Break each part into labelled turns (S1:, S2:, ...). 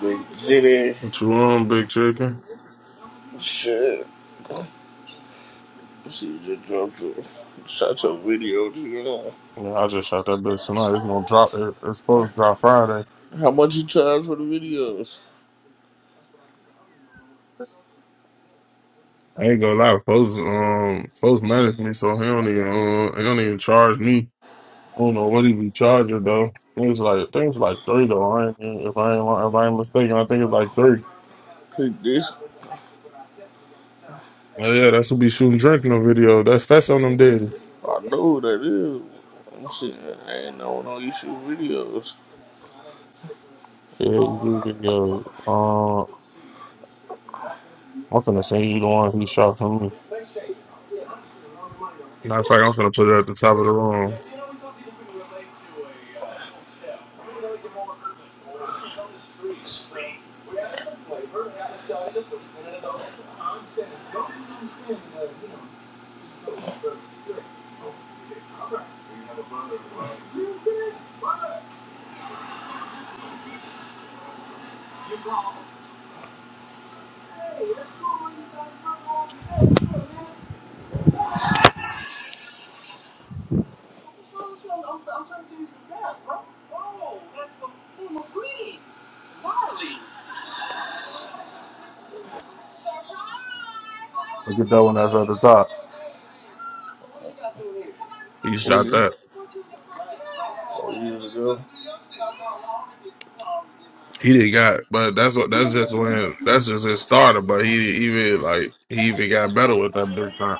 S1: They did
S2: What you want, big chicken?
S1: Shit. See, you just dropped a, shot a video too. huh?
S2: Yeah, I just shot that bitch tonight. It's gonna drop. It, it's supposed to drop Friday.
S1: How much you charge for the videos?
S2: I ain't gonna lie. Folks, um, folks manage me, so he don't even, uh, he don't even charge me. I don't know what he be charging though. Things like things like three though. I ain't, if I ain't if I ain't mistaken, I think it's like three.
S1: Cause this,
S2: Oh yeah, that's who be shooting drinking on video. That's that's on them daily.
S1: I know who that is. I'm saying, I ain't know no you shoot videos.
S2: Yeah, you video. Uh, I'm finna say you the one who shot for me. Matter of fact, I'm finna put it at the top of the room. Look at that one that's at the top. He
S1: When
S2: shot
S1: you,
S2: that.
S1: four years ago,
S2: He did not got, but that's what that's just when that's just his starter. But he didn't even like he even got better with that big time.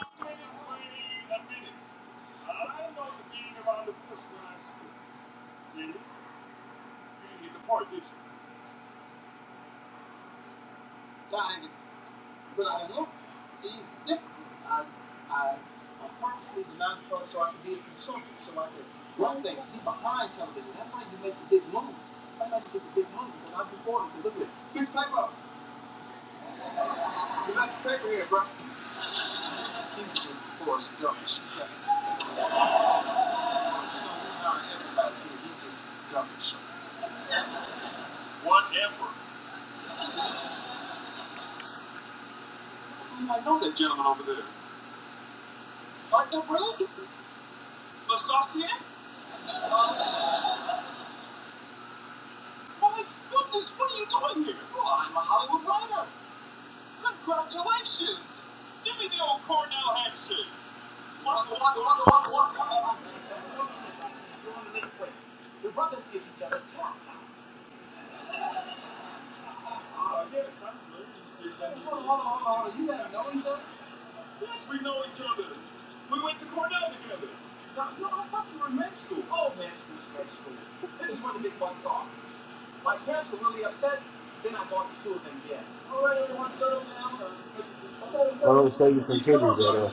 S2: I don't say you continue that. Uh,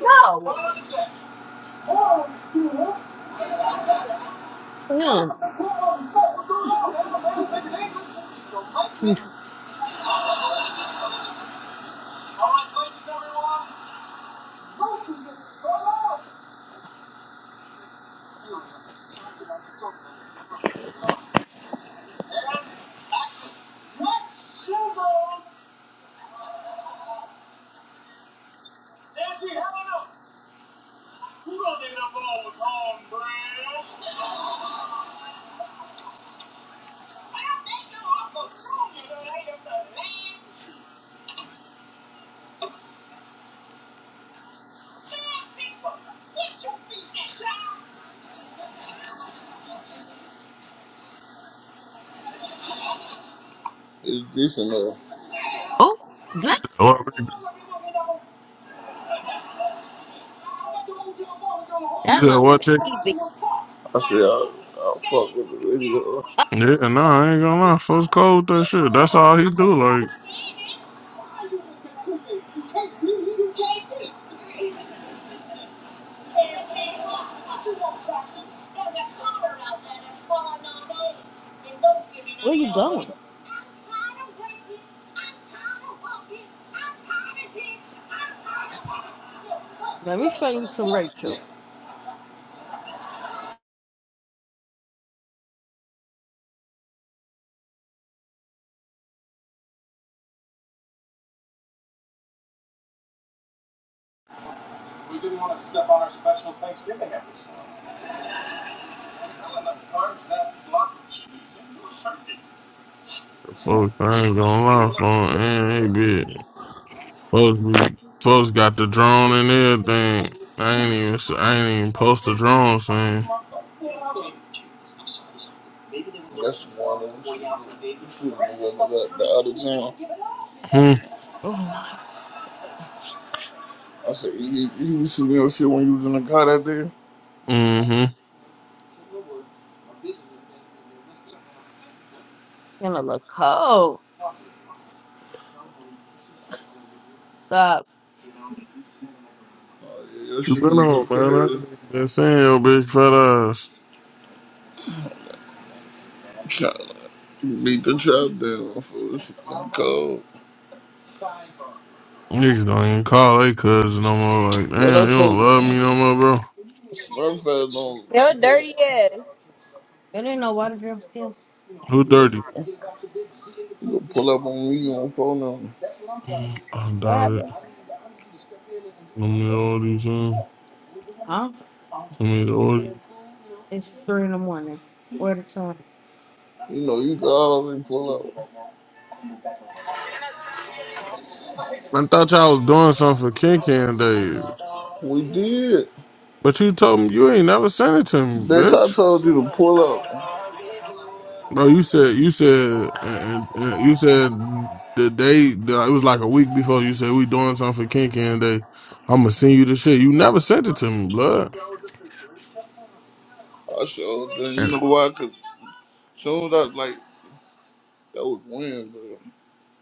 S2: No. No.
S1: is this enough?
S2: Oh, damn. What- You That said motherfucker what? motherfucker, Chick? easy.
S1: I said, I, I fuck with the video.
S2: Yeah, no, I ain't gonna lie. Folks cold that shit. That's all he do. Like Where you going? Let me show you some Rachel. folks, I ain't gonna lie. Folks, ain't big. Folks, be, folks got the drone and everything. I ain't even I ain't even post the drone
S1: That's the one that was shooting me the, the other time.
S2: Hmm. Oh my.
S1: I said, you, you was shooting your shit when you was in the car that day?
S2: Mm-hmm. I'm a little cold. Stop.
S1: Oh, yeah, your
S2: You
S1: shit
S2: been
S1: finna go
S2: on, man. I ain't
S1: crazy.
S2: even been seeing your big fat ass.
S1: Trying to beat the trap down for this fucking cold.
S2: Niggas don't even call they cousin no more. Like,
S1: Man, I
S2: damn, you don't
S1: told
S2: love
S1: you,
S2: me no more, bro.
S1: Smurfette don't
S3: Your
S1: pull
S3: dirty
S1: up.
S3: ass.
S2: There ain't no water downstairs. Who
S1: you
S2: dirty?
S1: gonna, you gonna pull up on me on phone now.
S2: Mm, I
S3: What
S2: doubt it.
S3: happened?
S2: Let me order you some. Huh? Let me order you. It's three in the morning. Where the sun?
S1: You know, you can always pull up.
S2: I thought y'all was doing something for Ken Ken Day.
S1: We did.
S2: But you told me you ain't never sent it to me,
S1: Bitch,
S2: bitch.
S1: I told you to pull up.
S2: Bro, you said you said uh, uh, uh, you said the day the, it was like a week before you said we doing something for Ken Ken Day. I'm gonna send you the shit. You never sent it to me, blood.
S1: I showed them, you
S2: And
S1: know why? Cause soon as I, like, that was Wednesday.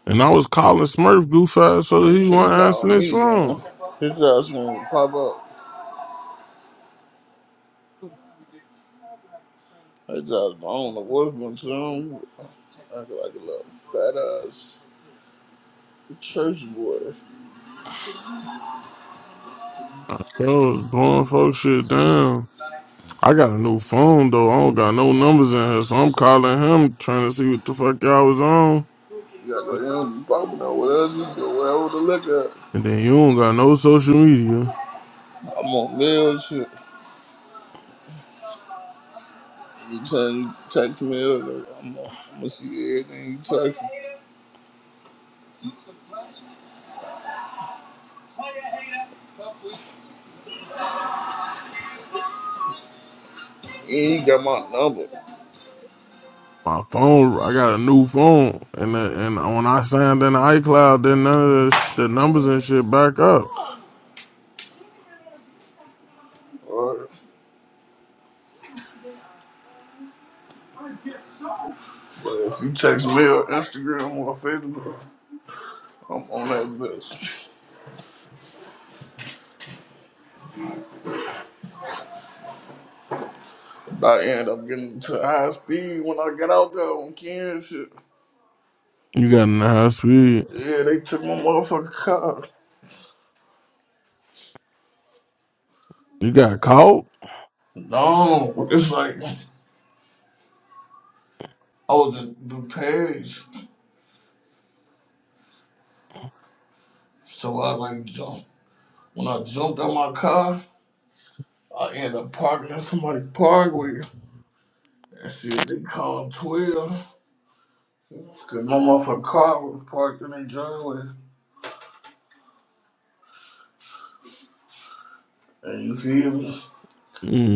S2: and I was calling Smurf goof ass so
S1: Man,
S2: that
S1: you
S2: he
S1: should have
S2: wasn't
S1: called
S2: answering his
S1: me, man.
S2: phone.
S1: His ass gonna pop up. His ass, I don't know what's going to him. I feel like a little fat ass. Church boy.
S2: I sure was blowing folks shit down. I got a new phone though. I don't got no numbers in here, so I'm calling him trying to see what the fuck y'all was on.
S1: You gotta go down and pop it on what else you do, whatever to look at?
S2: And then you don't got no social media.
S1: I'm on mail and shit. You turn you text me up, I'm on I'm gonna see everything you text me. And you got my number.
S2: my phone. I got a new phone, and the, and when I signed in the iCloud, then none of the, sh- the numbers and shit back up.
S1: Alright. But if you text me on Instagram or Facebook, I'm on that bitch. I end up getting to high speed when I get out there on Ken and shit.
S2: You got in the high speed.
S1: Yeah, they took my motherfucking car.
S2: You got caught.
S1: No, it's like I was in DuPage, so I like jumped. When I jumped out my car, I ended up parking in somebody's parkway. That shit, they called 12. Cause my motherfucking car was parked in their driveway. And you feel me?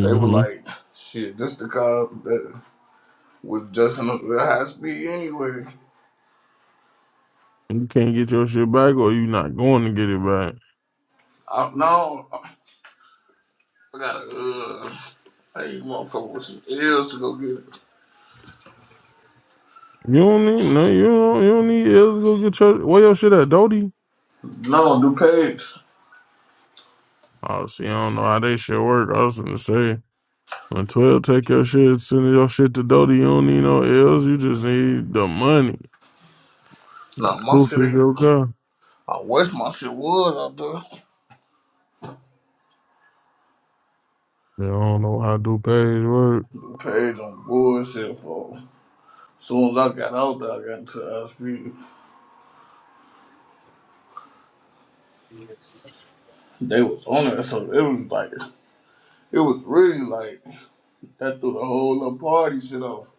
S1: They were like, shit, this the car that was just in the high speed anyway.
S2: You can't get your shit back, or you not going to get it back.
S1: I, no, I gotta, uh, I ain't motherfucker with some ears to go get it.
S2: You don't need no. You don't. You don't need else. Go get your where your shit at, Dodie.
S1: No, DuPage.
S2: Oh, see, I don't know how they shit work. I was gonna say. When twelve take your shit, send your shit to Dodie. You don't need no else. You just need the money.
S1: Nah, my
S2: Proof
S1: shit
S2: is
S1: ain't.
S2: your car.
S1: I wish my shit was out there.
S2: They don't know how do pays work.
S1: DuPage on bullshit, for. Soon as I got out there, I got into the hospital. They was on it, so it was like, it was really like, that threw the whole little party shit off.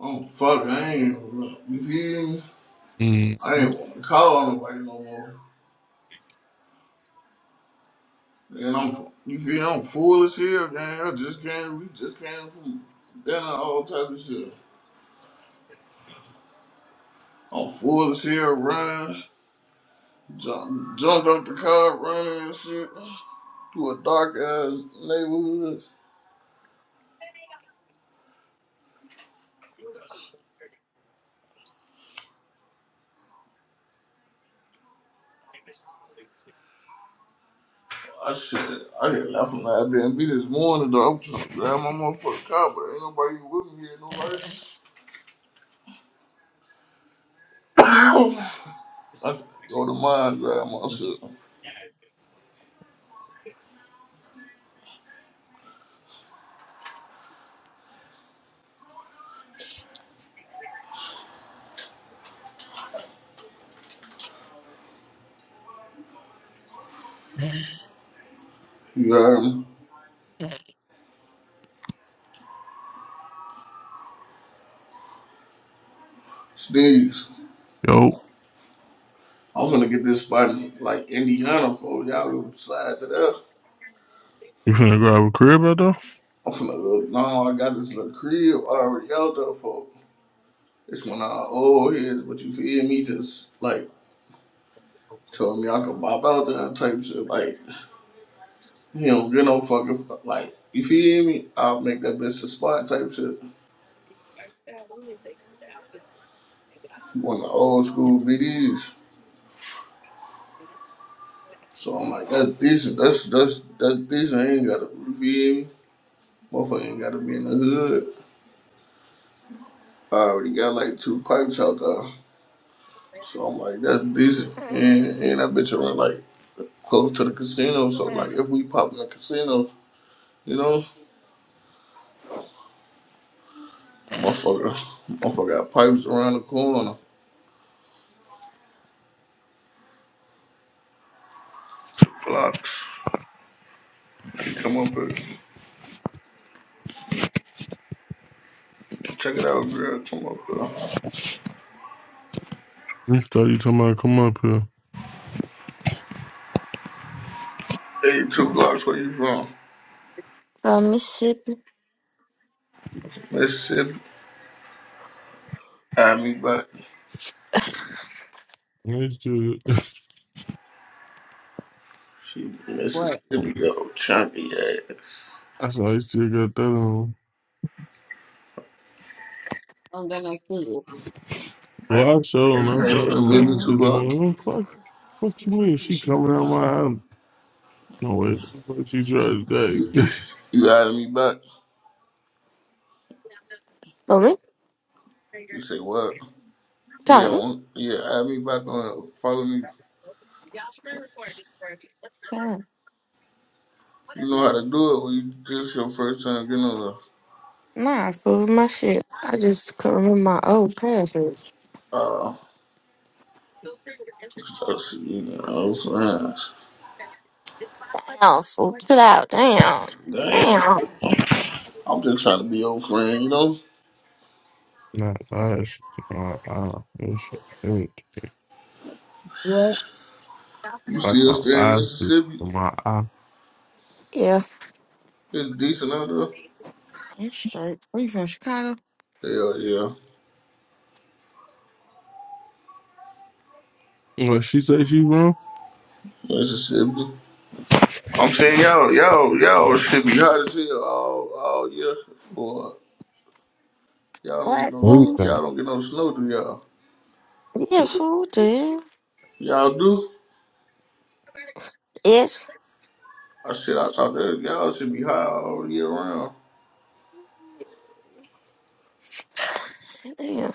S1: I'm fuck, I ain't, you feel me?
S2: Mm.
S1: I ain't want to call on nobody no more. And I'm, you feel, I'm full of shit, man. I just came, we just came from dinner, all type of shit. I'm full of shit, running, jump, jumped up the car, running and shit through a dark ass neighborhood. I shit, I just left from the Airbnb this morning, though. I'm trying to grab my motherfucking car, but ain't nobody with me here, no lights. Ow! I just go to mine, grab my shit. You heard me? Sneeze.
S2: Yo,
S1: I'm finna get this spot in, like, Indiana for y'all go side to that.
S2: you finna grab a crib out there?
S1: I'm finna look. No, I got this little crib already out there for. It's when I old heads, but you feel me? Just, like, told me I could bop out there and type shit, like. You don't get no fucking like you feel me? I'll make that bitch a spot type shit. He want the old school BDs. So I'm like, that's decent. That's that's that's decent. I ain't gotta you feel me? Motherfucker ain't gotta be in the hood. I already got like two pipes out there. So I'm like, that's decent. And and that bitch around like close to the casino. So like if we pop in the casino, you know, motherfucker motherfucker got pipes around the corner. Blocks. Come up here. Check it out, girl. Come up here.
S2: This thought you talking about come up here.
S1: Hey, two blocks where you from?
S4: Mississippi.
S1: Mississippi. I mean, but
S2: And they still got-
S1: she
S2: What?
S1: Mississippi, yo, chunky ass.
S2: I saw they still got that on. I'm gonna see.
S1: Like,
S2: Well, I showed them. I
S4: No,
S2: saw
S1: hey,
S2: that
S4: that's
S1: give me
S2: message
S4: not.
S1: two
S2: this
S4: Oh
S1: blocks.
S2: morning. What fuck, fuck you mean? She coming out my house. No way. What you trying to take?
S1: You add me back.
S4: me?
S1: You say what? Yeah,
S4: Tommy?
S1: on, yeah, add me back on. Follow me.
S4: Yeah.
S1: You know how to do it. When you just your first time getting on
S4: My fool, my shit. I just couldn't remember my old password.
S1: the uh, just, you know, friends.
S4: Damn, fool. Chill out. Damn.
S1: Damn,
S4: Damn.
S1: I'm just trying to be your friend. You know,
S2: Not us. My eye. This shit hurt. What?
S1: you
S2: Like
S1: still
S2: my
S1: stay in
S2: eyes. is-
S1: Mississippi.
S2: My eye.
S4: Yeah.
S1: It's decent out
S4: I'm straight. Are you from, Chicago?
S1: there. Hell yeah,
S2: What she say she from?
S1: Mississippi. I'm saying, yo, yo, yo, shit be hot as hell all, all year. Boy, y'all don't get
S4: What,
S1: no
S2: What you
S1: snow.
S4: fool?
S2: think?
S1: Y'all don't get no snow, do y'all?
S4: Yeah, fool, dude.
S1: Y'all do?
S4: Yes.
S1: I said, I thought that y'all should be hot all year round.
S4: Damn.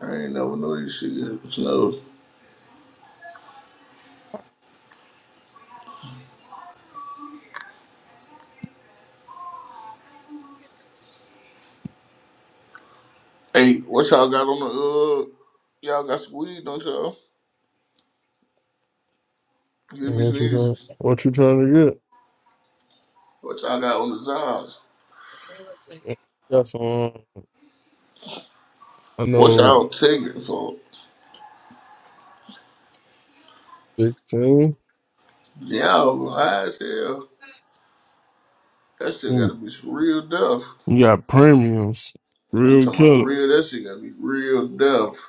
S1: I ain't never know this shit get snow. Hey, what y'all got on the uh? Y'all got some weed, don't y'all? Give
S2: And
S1: me
S2: What you trying?
S1: sneeze.
S2: What you trying to get?
S1: What y'all got on the Zars?
S2: You got some, um, I
S1: What
S2: know,
S1: y'all taking for?
S2: 16.
S1: Y'all high as hell. That shit gotta
S2: You
S1: be some real death.
S2: got premiums.
S1: I'm
S2: Real
S1: talking about
S2: killer.
S1: real. That shit gotta be real death.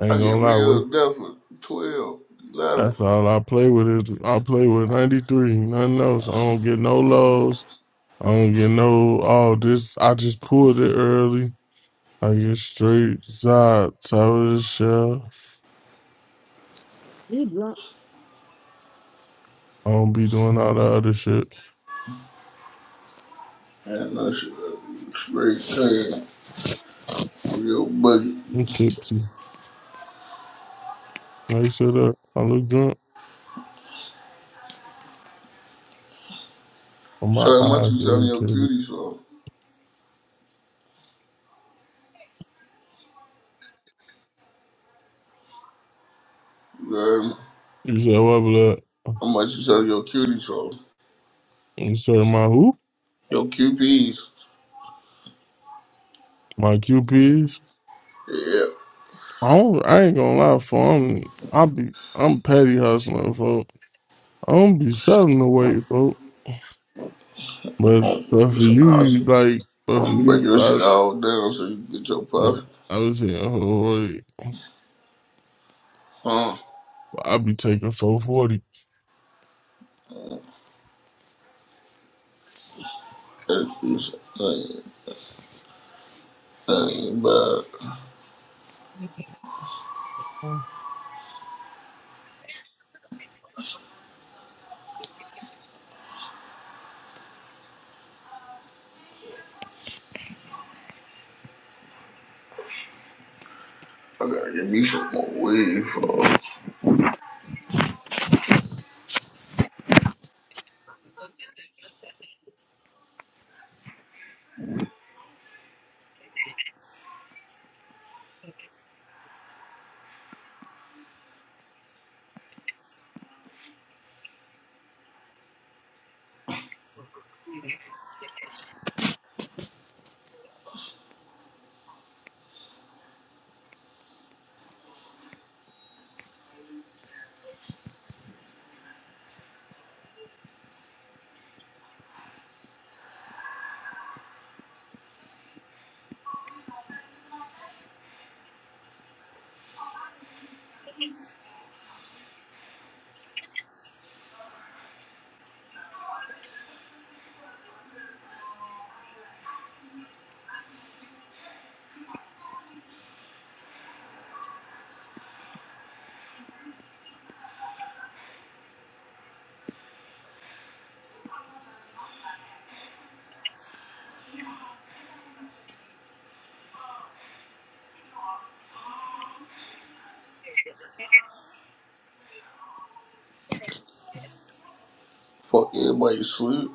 S2: I ain't
S1: I get
S2: gonna lie with
S1: real
S2: you.
S1: deaf at 12, eleven.
S2: That's all I play with is I play with 93, nothing else. I don't get no lows. I don't get no, oh, this, I just pulled it early. I get straight side, top of the shelf. You drunk. I don't be doing all the other shit.
S1: And that shit straight pain. Real budget.
S2: I'm tipsy. I said up. I look drunk. But
S1: So
S2: my
S1: how much
S2: eyes
S1: you
S2: get
S1: selling your
S2: irritated.
S1: cuties for? You heard me?
S2: You said what, blood?
S1: How much you selling your cuties for?
S2: You said my who?
S1: Your QPs.
S2: My QPs.
S1: Yeah.
S2: I don't. I ain't gonna lie, for I'm. I be. I'm petty hustling, folk. I don't be selling the weight, folk. But
S1: Oh,
S2: but for
S1: it's
S2: you,
S1: awesome.
S2: like, but for
S1: You break
S2: you,
S1: your
S2: I.
S1: shit all down so you can get your puff.
S2: I was saying, oh, wait,
S1: Huh?
S2: I be taking four forty.
S1: That is ain't, ain't bad. I gotta get me some more weed for fuck everybody sleep.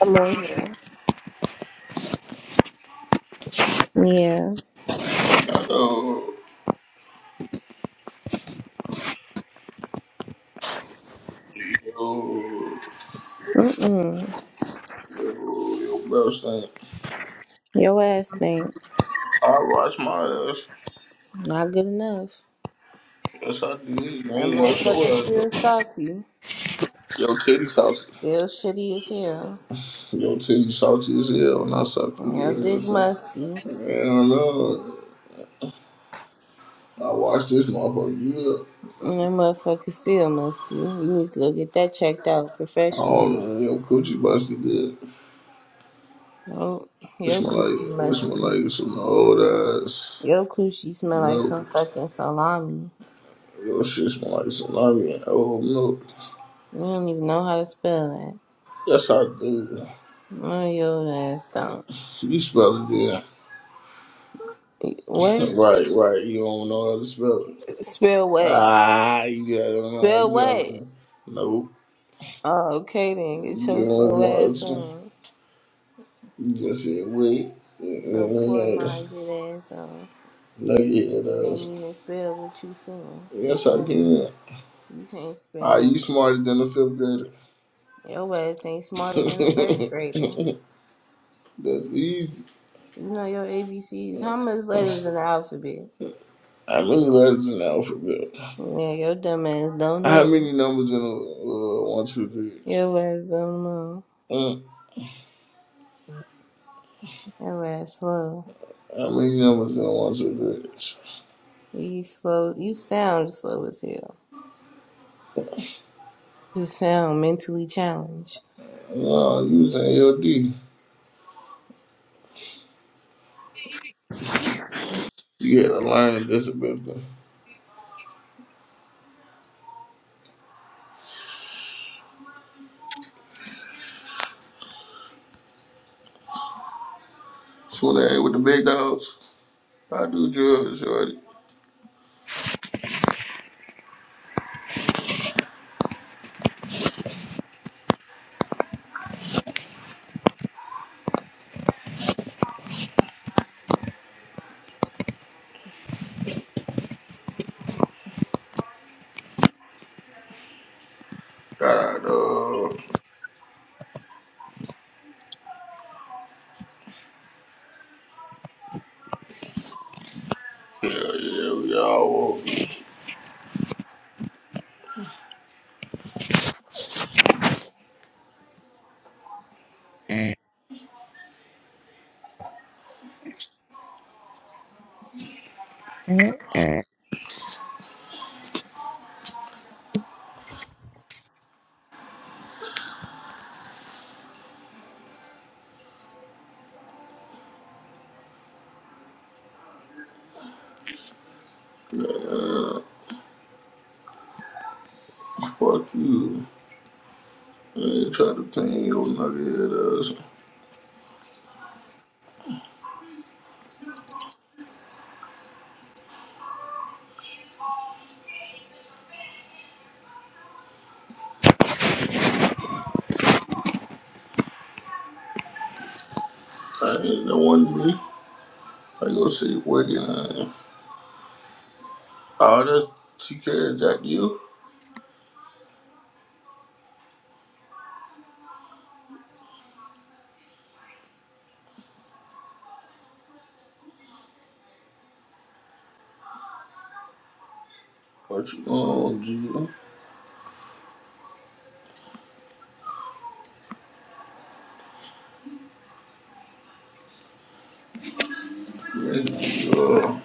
S5: I'm on here. Yeah.
S1: I know. Yo.
S5: Mm-mm.
S1: Yo, bro, saying,
S5: Your ass stink.
S1: I wash my ass.
S5: Not good enough.
S1: Yes, I did. You
S5: That
S1: ain't wash your
S5: motherfucker
S1: ass,
S5: still
S1: though.
S5: salty.
S1: Yo, titty salty.
S5: Still shitty as hell.
S1: Yo, titty salty as hell, and I suck from you. You
S5: Your
S1: know what I'm
S5: dick
S1: saying?
S5: musty.
S1: Man, I know. I watched this motherfucker. You
S5: And that motherfucker still musty. You need to go get that checked out
S1: I don't
S5: professional.
S1: know. Yo, coochie busted did.
S5: No,
S1: It
S5: your
S1: smell
S5: coochie
S1: like it smell
S5: musty.
S1: like some old ass
S5: Your coochie smell like
S1: milk.
S5: some fucking salami.
S1: Yo, shit smell like salami and old milk.
S5: You don't even know how to spell
S1: Yes, I do.
S5: that. No, your ass don't.
S1: You spell it, yeah.
S5: What?
S1: Right, right. You don't know how to spell it.
S5: Spell what?
S1: Ah, you don't know how to
S5: Spell what?
S1: Nope.
S5: Oh, okay then. Get your
S1: You don't
S5: slow
S1: know how to
S5: ass on.
S1: You just said wait. You
S5: Your
S1: don't
S5: poor
S1: know.
S5: minded ass on.
S1: No, yeah, it
S5: Ain't
S1: does.
S5: even spell what you saying.
S1: Yes,
S5: Just
S1: I
S5: shut up.
S1: can.
S5: You can't spell
S1: Are you smarter than a fifth grader?
S5: that. Your ass ain't smarter than the first grader.
S1: That's easy.
S5: You know your ABCs. How much letters
S1: How
S5: in the alphabet?
S1: many letters in the alphabet?
S5: Yeah, your dumb ass don't
S1: How
S5: know.
S1: many numbers in a uh, one, two, three? is?
S5: Your ass don't know.
S1: Mm.
S5: Your ass slow.
S1: How many numbers in a one, two, three? is?
S5: You slow. You sound slow as hell. Just sound mentally challenged.
S1: No, you was an ALD. You had a learning disability. So they ain't with the big dogs. I do drugs, shorty. God, dog. Hell yeah, we all walk. Fuck you. I ain't try to pin your nugget ass. I ain't the one me. I go see wicked man. All this TK is that you? What you want, G? You ain't, uh,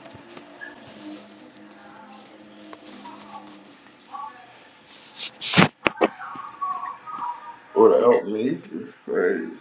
S1: What help me? It's crazy.